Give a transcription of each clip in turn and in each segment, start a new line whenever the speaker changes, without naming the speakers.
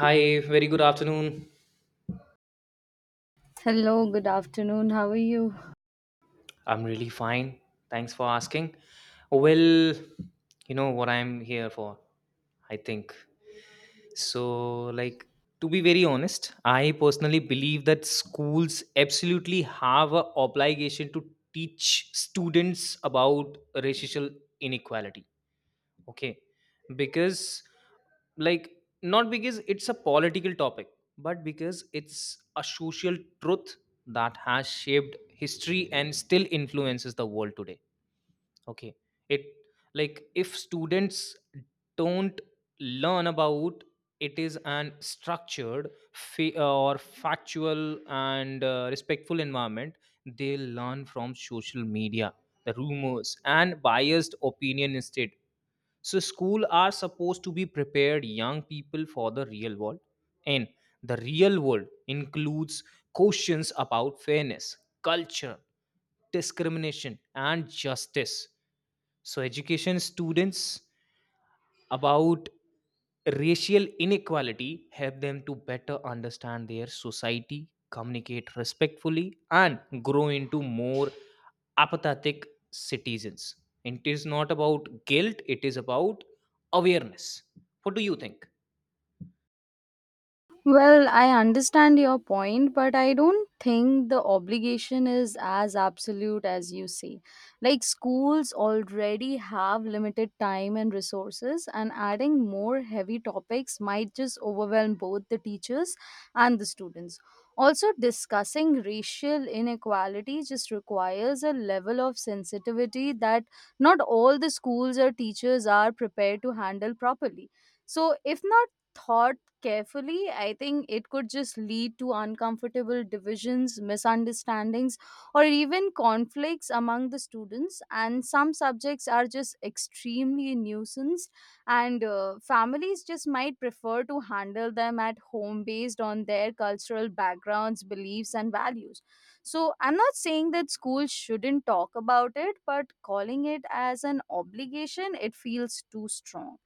Hi, very good afternoon.
Hello, good afternoon. How are you?
I'm really fine. Thanks for asking. Well, you know what I'm here for, I think. So, like, to be very honest, I personally believe that schools absolutely have an obligation to teach students about racial inequality. Okay. Because, like not because it's a political topic, but because it's a social truth that has shaped history and still influences the world today. Okay. It like If students don't learn about it is an structured or factual and respectful environment, they learn from social media, the rumors and biased opinion instead. So school are supposed to be prepared young people for the real world, and the real world includes questions about fairness, culture, discrimination, and justice. So, education students about racial inequality help them to better understand their society, communicate respectfully, and grow into more apathetic citizens. It is not about guilt, it is about awareness. What do you think?
Well, I understand your point, but I don't think the obligation is as absolute as you say. Like, schools already have limited time and resources, and adding more heavy topics might just overwhelm both the teachers and the students. Also, discussing racial inequality just requires a level of sensitivity that not all the schools or teachers are prepared to handle properly. So, if not, thought carefully, I think it could just lead to uncomfortable divisions, misunderstandings, or even conflicts among the students. And some subjects are just extremely nuisance, and families just might prefer to handle them at home based on their cultural backgrounds, beliefs, and values. So, I'm not saying that schools shouldn't talk about it, but calling it as an obligation, it feels too strong.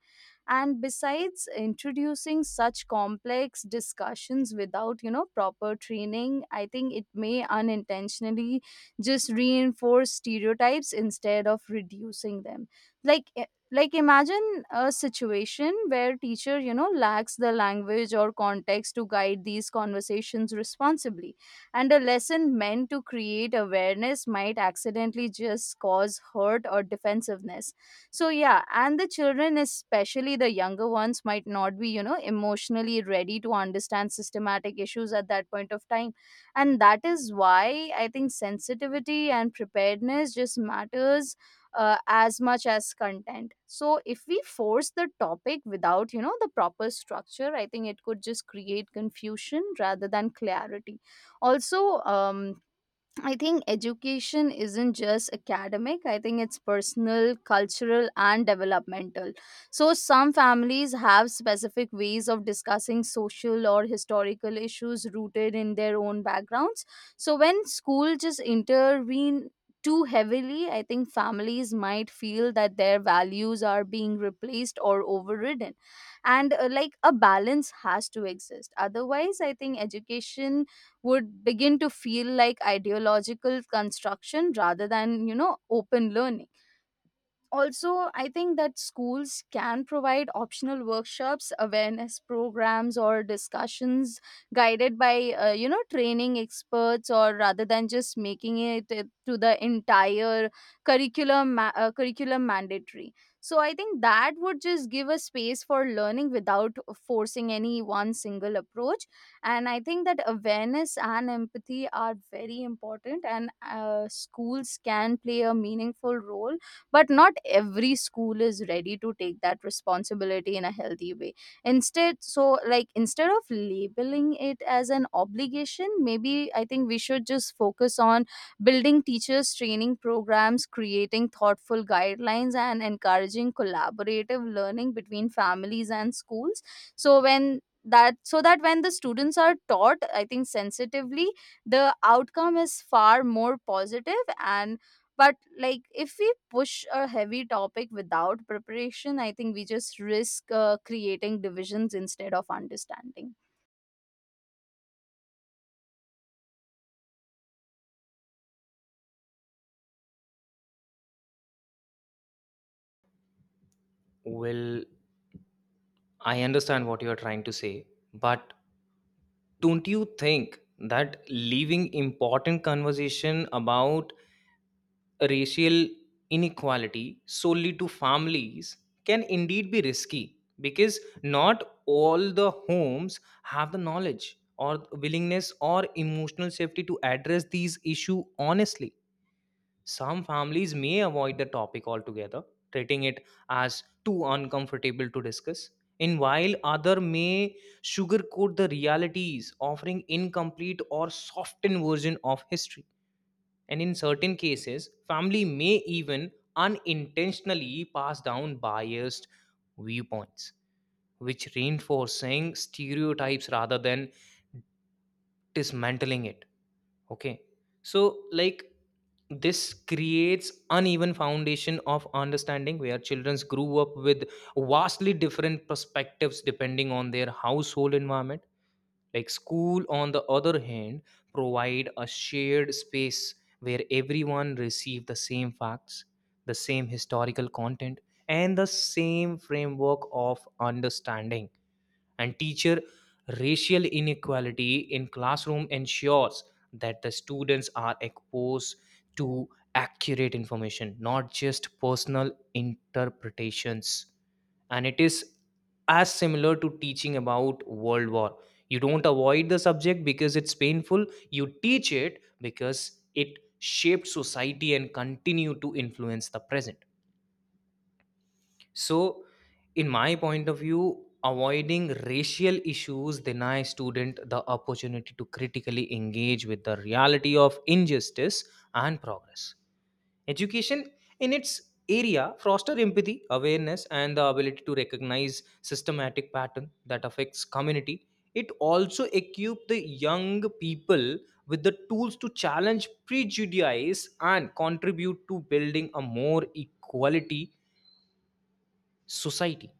And besides, introducing such complex discussions without proper training, I think it may unintentionally just reinforce stereotypes instead of reducing them. Like eh, like imagine a situation where teacher lacks the language or context to guide these conversations responsibly, and a lesson meant to create awareness might accidentally just cause hurt or defensiveness. So yeah, and the children, especially the younger ones, might not be emotionally ready to understand systematic issues at that point of time. And that is why I think sensitivity and preparedness just matters as much as content. So if we force the topic without the proper structure, I think it could just create confusion rather than clarity. Also, I think education isn't just academic. I think it's personal, cultural, and developmental. So, some families have specific ways of discussing social or historical issues rooted in their own backgrounds. So, when school just intervene too heavily, I think families might feel that their values are being replaced or overridden. And like, a balance has to exist. Otherwise, I think education would begin to feel like ideological construction rather than open learning. Also, I think that schools can provide optional workshops, awareness programs or discussions guided by training experts, or rather than just making it to the entire curriculum mandatory. So I think that would just give a space for learning without forcing any one single approach. And I think that awareness and empathy are very important, and schools can play a meaningful role, but not every school is ready to take that responsibility in a healthy way. Instead, so like, instead of labeling it as an obligation, maybe I think we should just focus on building teachers training programs, creating thoughtful guidelines and encouraging collaborative learning between families and schools. So that when the students are taught, I think, sensitively, the outcome is far more positive. And but like, if we push a heavy topic without preparation, I think we just risk creating divisions instead of understanding.
Well, I understand what you are trying to say, but don't you think that leaving important conversation about racial inequality solely to families can indeed be risky, because not all the homes have the knowledge or willingness or emotional safety to address these issue honestly. Some families may avoid the topic altogether, treating it as too uncomfortable to discuss, and while other may sugarcoat the realities, offering incomplete or softened version of history. And in certain cases, family may even unintentionally pass down biased viewpoints, which reinforcing stereotypes rather than dismantling it. Okay. So, like, this creates uneven foundation of understanding where children grew up with vastly different perspectives depending on their household environment. Like school, on the other hand, provide a shared space where everyone receive the same facts, the same historical content, and the same framework of understanding. And teacher racial inequality in classroom ensures that the students are exposed to accurate information, not just personal interpretations. And it is as similar to teaching about world war. You don't avoid the subject because it's painful. You teach it because it shaped society and continue to influence the present. So, in my point of view, avoiding racial issues deny student the opportunity to critically engage with the reality of injustice and progress. Education in its area foster empathy, awareness and the ability to recognize systematic pattern that affects community. It also equip the young people with the tools to challenge prejudice and contribute to building a more equality society.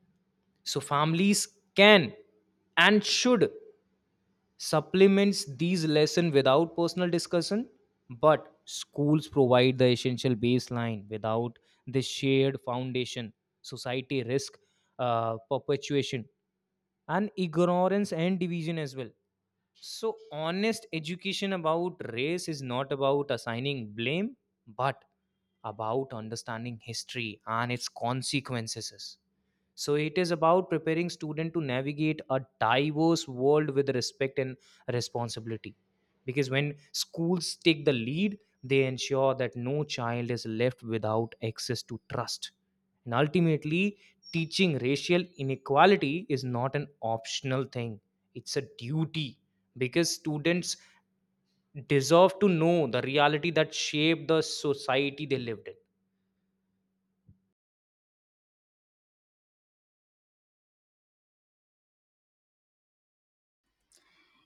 So families can and should supplements these lesson without personal discussion, but schools provide the essential baseline. Without this shared foundation, society risk perpetuation and ignorance and division as well. So, honest education about race is not about assigning blame, but about understanding history and its consequences. So, it is about preparing students to navigate a diverse world with respect and responsibility. Because when schools take the lead, they ensure that no child is left without access to trust. And ultimately, teaching racial inequality is not an optional thing, it's a duty, because students deserve to know the reality that shaped the society they lived in.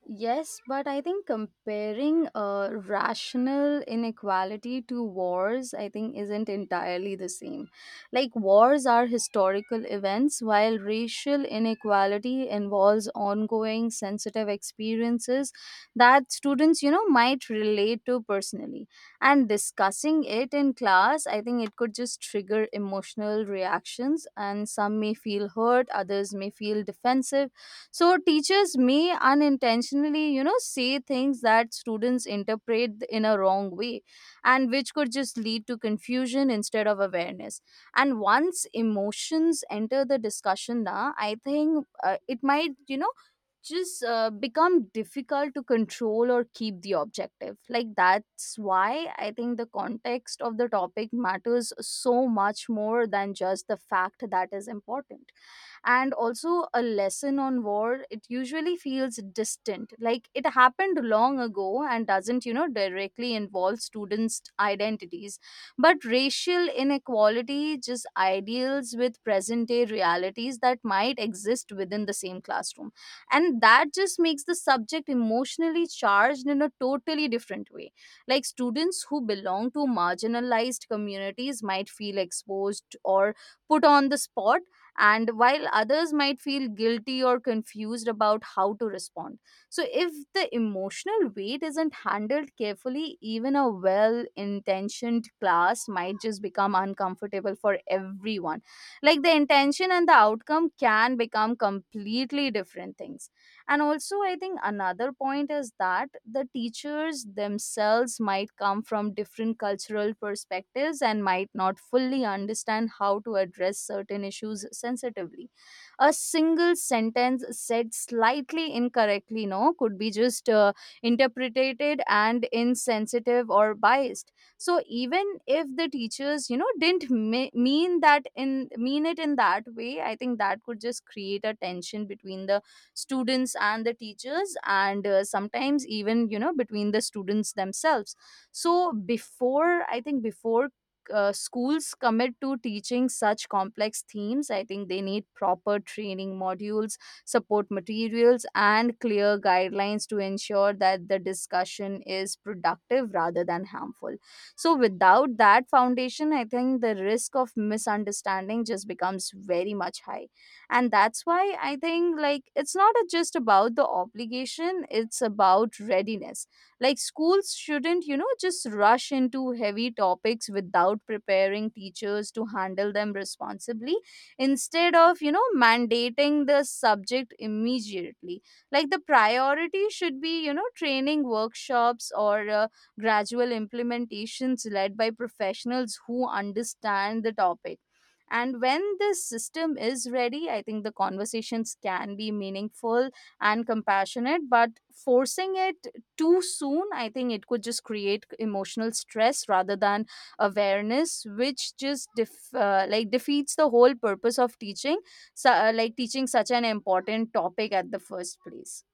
Yes, but I think comparing rational inequality to wars, I think, isn't entirely the same. Like, wars are historical events, while racial inequality involves ongoing sensitive experiences that students, might relate to personally. And discussing it in class, I think it could just trigger emotional reactions, and some may feel hurt, others may feel defensive. So teachers may unintentionally say things that students interpret in a wrong way, and which could just lead to confusion instead of awareness. And once emotions enter the discussion, now I think it might just become difficult to control or keep the objective. Like, that's why I think the context of the topic matters so much more than just the fact that is important. And also, a lesson on war, it usually feels distant, like it happened long ago and doesn't directly involve students identities. But racial inequality just ideals with present day realities that might exist within the same classroom, and that just makes the subject emotionally charged in a totally different way. Like, students who belong to marginalized communities might feel exposed or put on the spot, and while others might feel guilty or confused about how to respond. So, if the emotional weight isn't handled carefully, even a well intentioned class might just become uncomfortable for everyone. Like the intention and the outcome can become completely different things. And also, I think another point is that the teachers themselves might come from different cultural perspectives and might not fully understand how to address certain issues sensitively. A single sentence said slightly incorrectly, no, could be just interpreted and insensitive or biased. So even if the teachers didn't mean it in that way, I think that could just create a tension between the students and the teachers, and sometimes even between the students themselves. So before, I think, before schools commit to teaching such complex themes, I think they need proper training modules, support materials and clear guidelines to ensure that the discussion is productive rather than harmful. So without that foundation, I think the risk of misunderstanding just becomes very much high. And that's why I think, like, it's not just about the obligation, it's about readiness. Like, schools shouldn't just rush into heavy topics without preparing teachers to handle them responsibly, instead of mandating the subject immediately. Like, the priority should be training workshops or gradual implementations led by professionals who understand the topic. And when this system is ready, I think the conversations can be meaningful and compassionate, but forcing it too soon, I think it could just create emotional stress rather than awareness, which just like defeats the whole purpose of teaching like teaching such an important topic at the first place.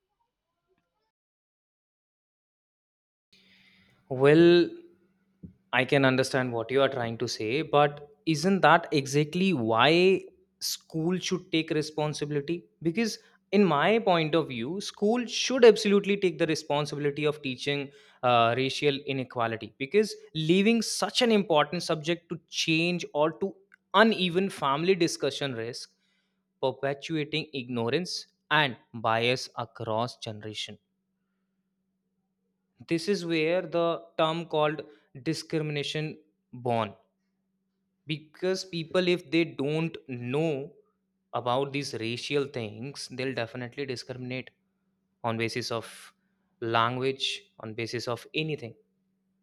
Well, I can understand what you are trying to say, but isn't that exactly why school should take responsibility? Because, in my point of view, school should absolutely take the responsibility of teaching racial inequality, because leaving such an important subject to change or to uneven family discussion risk perpetuating ignorance and bias across generation. This is where the term called discrimination born, because people, if they don't know about these racial things, they'll definitely discriminate on basis of language, on basis of anything.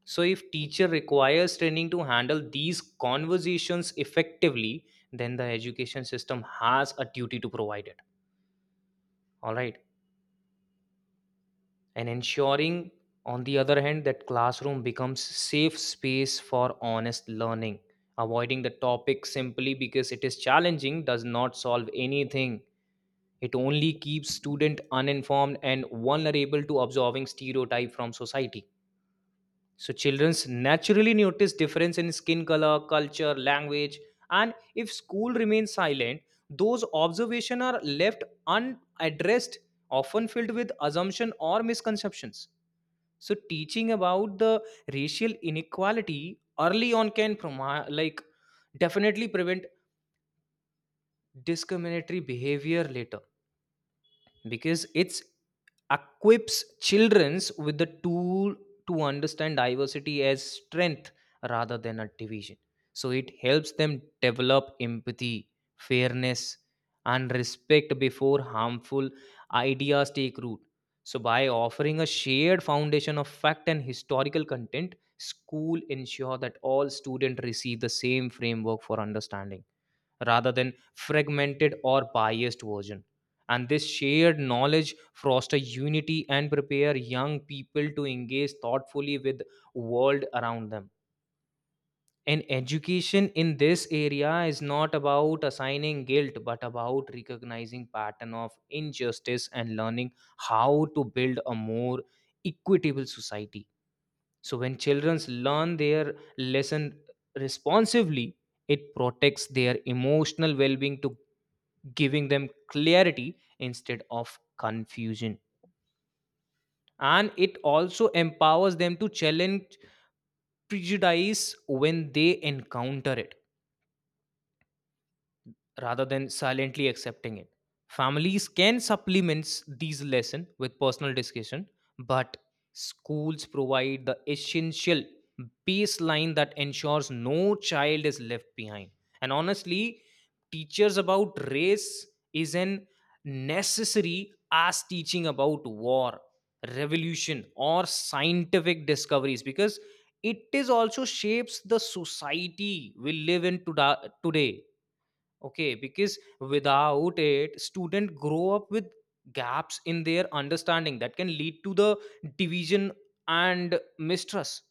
So if teacher requires training to handle these conversations effectively, then the education system has a duty to provide it. All right. And ensuring, on the other hand, that classroom becomes safe space for honest learning. Avoiding the topic simply because it is challenging does not solve anything. It only keeps student uninformed and vulnerable to absorbing stereotype from society. So childrens naturally notice difference in skin color, culture, language, and if school remains silent, those observations are left unaddressed, often filled with assumption or misconceptions. So teaching about the racial inequality early on can definitely prevent discriminatory behavior later, because it's equips childrens with the tool to understand diversity as strength rather than a division. So it helps them develop empathy, fairness, and respect before harmful ideas take root. So by offering a shared foundation of fact and historical content, school ensure that all students receive the same framework for understanding, rather than fragmented or biased version. And this shared knowledge foster unity and prepare young people to engage thoughtfully with world around them. And education in this area is not about assigning guilt, but about recognizing pattern of injustice and learning how to build a more equitable society. So when children learn their lesson responsively, it protects their emotional well-being to giving them clarity instead of confusion. And it also empowers them to challenge prejudice when they encounter it, rather than silently accepting it. Families can supplement these lessons with personal discussion, but schools provide the essential baseline that ensures no child is left behind. And honestly, teachers about race is an necessary as teaching about war, revolution, or scientific discoveries, because it is also shapes the society we live in today. Okay. Because without it, student grow up with gaps in their understanding that can lead to the division and mistrust.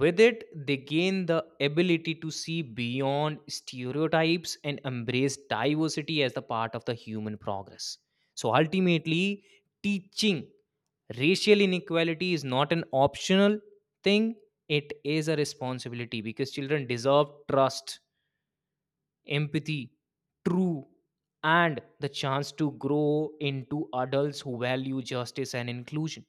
With it, they gain the ability to see beyond stereotypes and embrace diversity as the part of the human progress. So ultimately, teaching racial inequality is not an optional thing, it is a responsibility, because children deserve trust, empathy, true, and the chance to grow into adults who value justice and inclusion.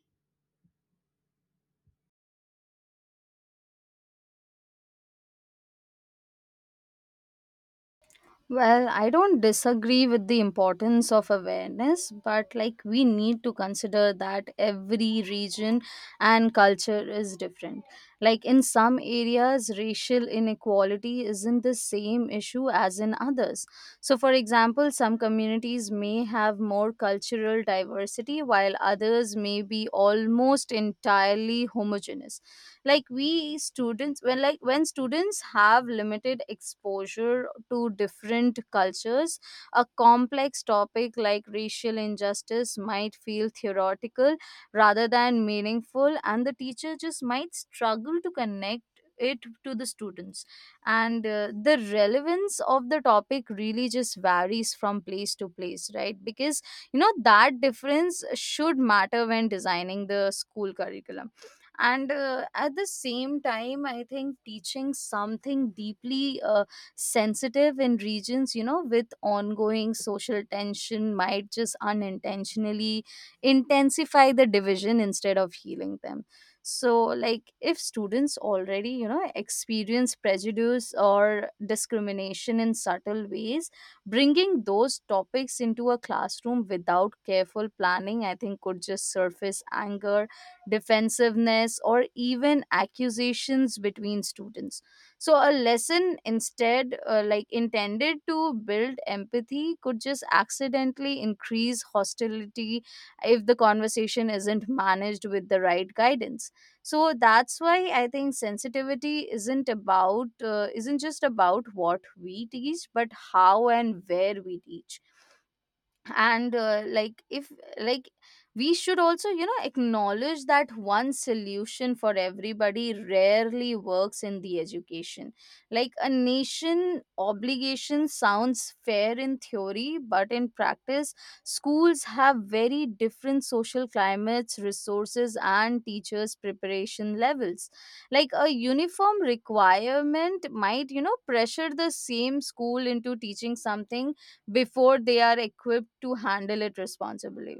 Well, I don't disagree with the importance of awareness, but like, we need to consider that every region and culture is different. Like, in some areas, racial inequality isn't the same issue as in others. So, for example, some communities may have more cultural diversity while others may be almost entirely homogeneous. Like, we students when like when students have limited exposure to different cultures, a complex topic like racial injustice might feel theoretical rather than meaningful, and the teacher just might struggle to connect it to the students. And the relevance of the topic really just varies from place to place, right? Because that difference should matter when designing the school curriculum. And at the same time, I think teaching something deeply sensitive in regions with ongoing social tension might just unintentionally intensify the division instead of healing them. So like, if students already experience prejudice or discrimination in subtle ways, bringing those topics into a classroom without careful planning, I think, could just surface anger, defensiveness, or even accusations between students. So, a lesson instead, like intended to build empathy, could just accidentally increase hostility if the conversation isn't managed with the right guidance. So, that's why I think sensitivity isn't just about what we teach, but how and where we teach. And like if like we should also acknowledge that one solution for everybody rarely works in the education. Like, a nation obligation sounds fair in theory, but in practice, schools have very different social climates, resources and teachers preparation levels. Like, a uniform requirement might pressure the same school into teaching something before they are equipped to handle it responsibly.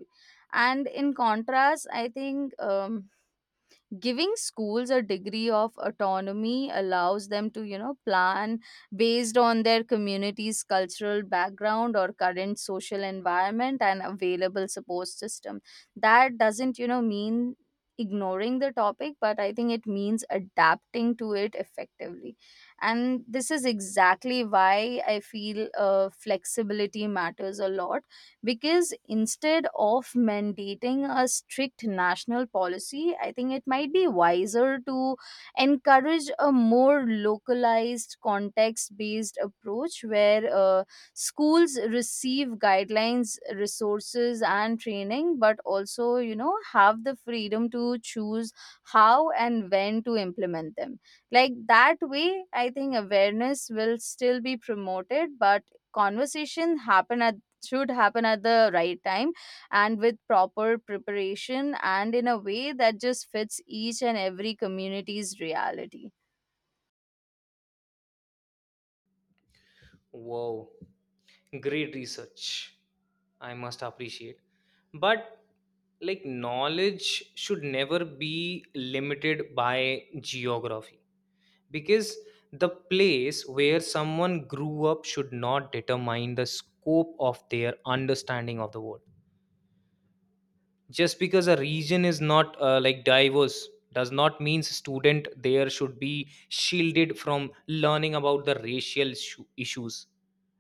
And in contrast, I think, giving schools a degree of autonomy allows them to plan based on their community's cultural background or current social environment and available support system. That doesn't mean ignoring the topic, but I think it means adapting to it effectively. And this is exactly why I feel flexibility matters a lot. Because instead of mandating a strict national policy, I think it might be wiser to encourage a more localized context based approach where schools receive guidelines, resources and training, but also have the freedom to choose how and when to implement them. Like, that way, I think awareness will still be promoted, but conversation happen at should happen at the right time and with proper preparation and in a way that just fits each and every community's reality.
Wow, great research. I must appreciate. But like knowledge should never be limited by geography, because the place where someone grew up should not determine the scope of their understanding of the world. Just because a region is not diverse does not mean student there should be shielded from learning about the issues.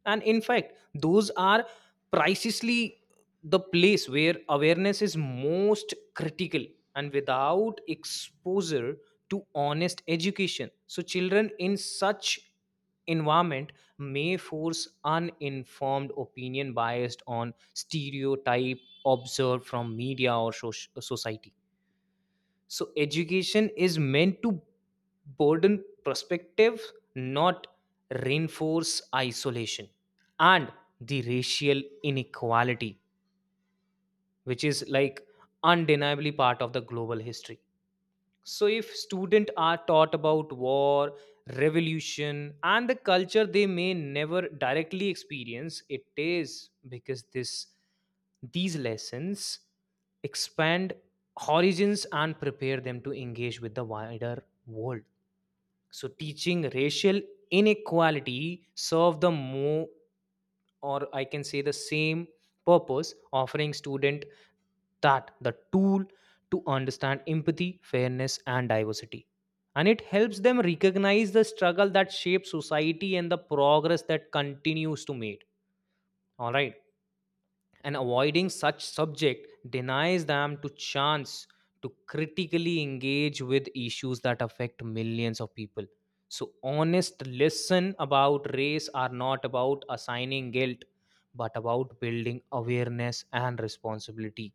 And in fact, those are precisely the place where awareness is most critical. And without exposure to honest education, so children in such environment may force uninformed opinion biased on stereotype observed from media or society. So education is meant to broaden perspective, not reinforce isolation. And the racial inequality, which is like undeniably part of the global history. So if students are taught about war, revolution and the culture they may never directly experience, it is because this these lessons expand horizons and prepare them to engage with the wider world. So teaching racial inequality serve the more, or I can say the same purpose, offering student that the tool to understand empathy, fairness and diversity. And it helps them recognize the struggle that shapes society and the progress that continues to made. All right. And avoiding such subject denies them to chance to critically engage with issues that affect millions of people. So honest listen about race are not about assigning guilt, but about building awareness and responsibility,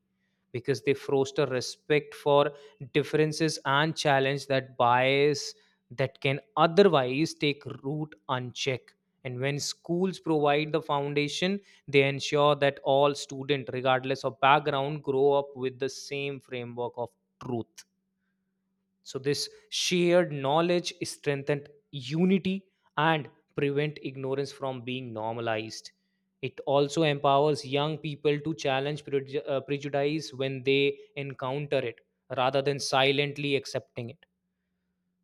because they foster respect for differences and challenge that bias that can otherwise take root unchecked. And when schools provide the foundation, they ensure that all students, regardless of background, grow up with the same framework of truth. So this shared knowledge strengthened unity and prevent ignorance from being normalized. It also empowers young people to challenge prejudice when they encounter it, rather than silently accepting it.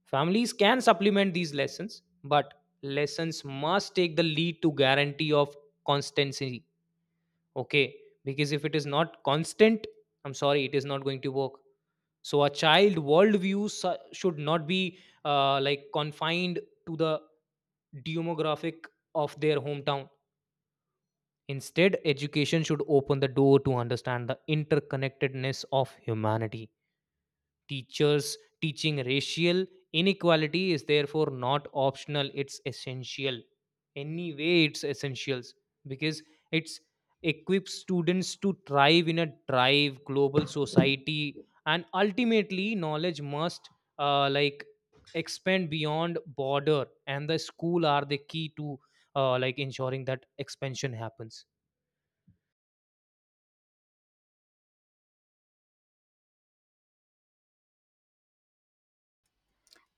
Families can supplement these lessons, but lessons must take the lead to guarantee of constancy. Okay. Because if it is not constant, I'm sorry, it is not going to work. So a child worldview should not be confined to the demographic of their hometown. Instead, education should open the door to understand the interconnectedness of humanity. Teachers teaching racial inequality is therefore not optional, it's essential. Anyway, it's essentials, because it's equips students to thrive in a drive global society. And ultimately, knowledge must uh, like expand beyond border, and the school are the key to ensuring that expansion happens.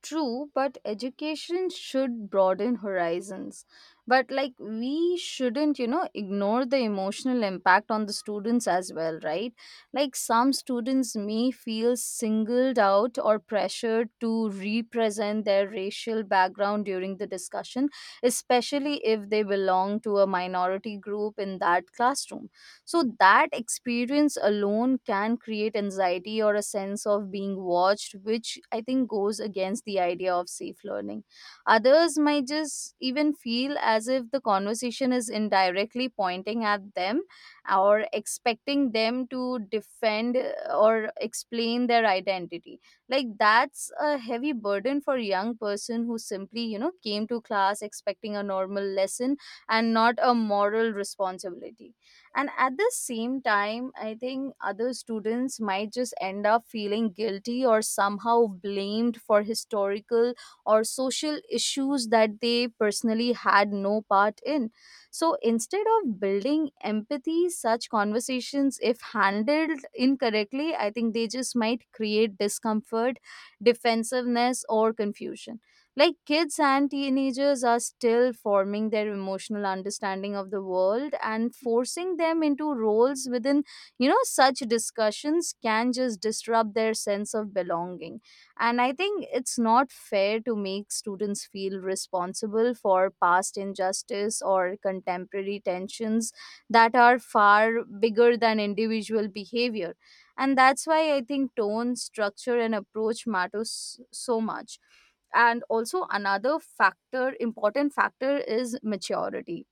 True, but education should broaden horizons. But like, we shouldn't, ignore the emotional impact on the students as well, right? Like, some students may feel singled out or pressured to represent their racial background during the discussion, especially if they belong to a minority group in that classroom. So that experience alone can create anxiety or a sense of being watched, which I think goes against the idea of safe learning. Others might just even feel as if the conversation is indirectly pointing at them or expecting them to defend or explain their identity. Like, that's a heavy burden for a young person who simply came to class expecting a normal lesson and not a moral responsibility. And at the same time, I think other students might just end up feeling guilty or somehow blamed for historical or social issues that they personally had no part in. So instead of building empathy, such conversations, if handled incorrectly, I think they just might create discomfort, defensiveness, or confusion. Like, kids and teenagers are still forming their emotional understanding of the world, and forcing them into roles within, such discussions can just disrupt their sense of belonging. And I think it's not fair to make students feel responsible for past injustice or contemporary tensions that are far bigger than individual behavior. And that's why I think tone, structure, and approach matters so much. And also another factor important factor is maturity.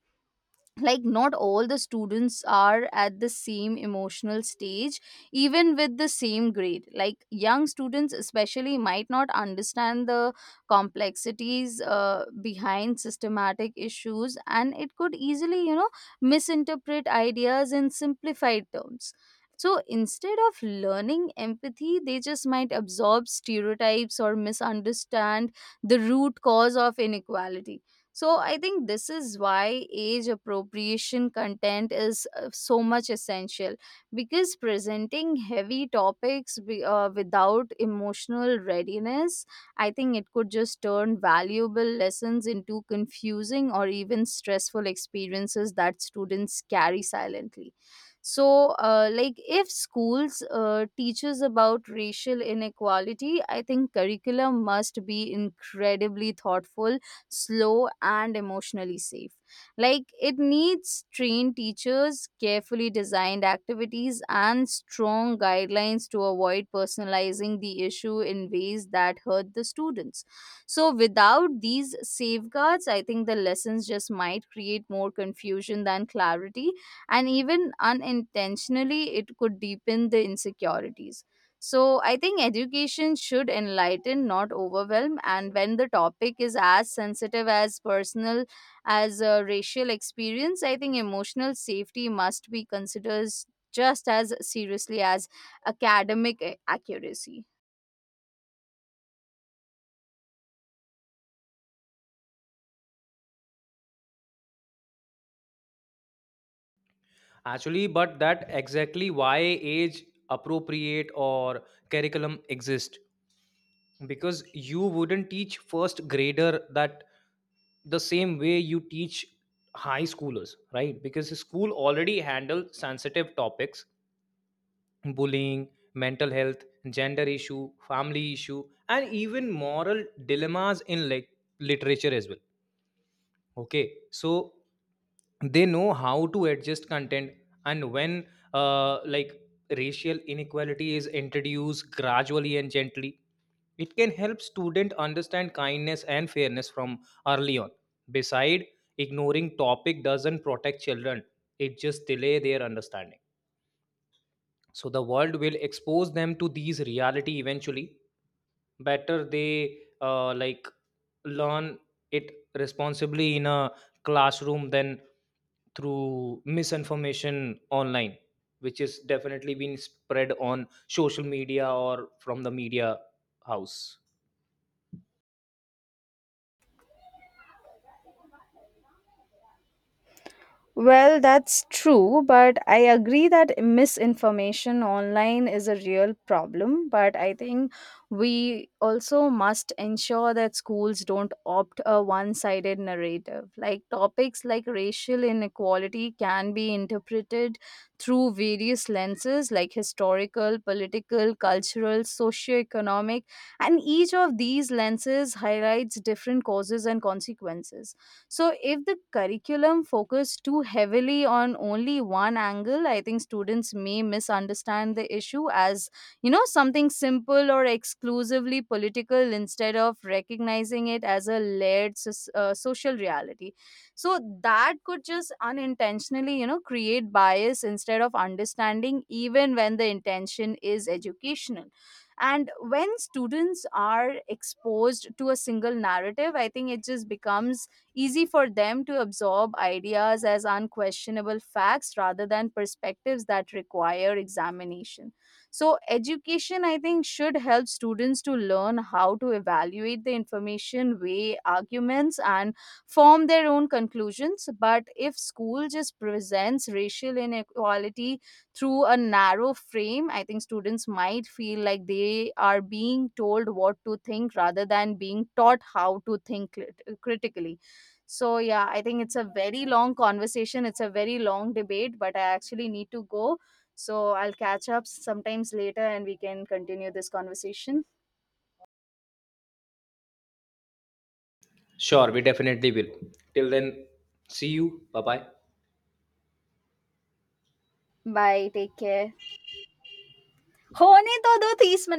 Like, not all the students are at the same emotional stage, even with the same grade. Like, young students especially might not understand the complexities behind systematic issues, and it could easily misinterpret ideas in simplified terms. So instead of learning empathy, they just might absorb stereotypes or misunderstand the root cause of inequality. So I think this is why age appropriation content is so much essential, because presenting heavy topics without emotional readiness, I think it could just turn valuable lessons into confusing or even stressful experiences that students carry silently. So, like, if schools teaches about racial inequality, I think curriculum must be incredibly thoughtful, slow, and emotionally safe. Like, it needs trained teachers, carefully designed activities, and strong guidelines to avoid personalizing the issue in ways that hurt the students. So, without these safeguards, I think the lessons just might create more confusion than clarity, and even unintentionally, it could deepen the insecurities. So I think education should enlighten, not overwhelm. And when the topic is as sensitive as personal as a racial experience, I think emotional safety must be considered just as seriously as academic accuracy.
Actually, but that exactly why age appropriate or curriculum exist, because you wouldn't teach first grader that the same way you teach high schoolers, right? Because the school already handle sensitive topics: bullying, mental health, gender issue, family issue, and even moral dilemmas in like literature as well. Okay, so they know how to adjust content. And when uh, like racial inequality is introduced gradually and gently, it can help student understand kindness and fairness from early on. Beside, ignoring topic doesn't protect children, it just delay their understanding. So the world will expose them to these reality eventually. Better they learn it responsibly in a classroom than through misinformation online, which is definitely being spread on social media or from the media house.
Well, that's true, but I agree that misinformation online is a real problem. But I think we also must ensure that schools don't opt a one sided narrative. Like, topics like racial inequality can be interpreted through various lenses, like historical, political, cultural, socioeconomic, and each of these lenses highlights different causes and consequences. So if the curriculum focus too heavily on only one angle, I think students may misunderstand the issue as, something simple or exclusively political instead of recognizing it as a layered social reality. So that could just unintentionally, create bias instead of understanding, even when the intention is educational. And when students are exposed to a single narrative, I think it just becomes easy for them to absorb ideas as unquestionable facts rather than perspectives that require examination. So, education, I think, should help students to learn how to evaluate the information, weigh arguments, and form their own conclusions. But if school just presents racial inequality through a narrow frame, I think students might feel like they are being told what to think rather than being taught how to think critically. So, yeah, I think it's a very long conversation. It's a very long debate, but I actually need to go. So, I'll catch up sometimes later and we can continue this conversation.
Sure, we definitely will. Till then, see you, bye bye.
Bye. Take care. होने तो दो तीस minute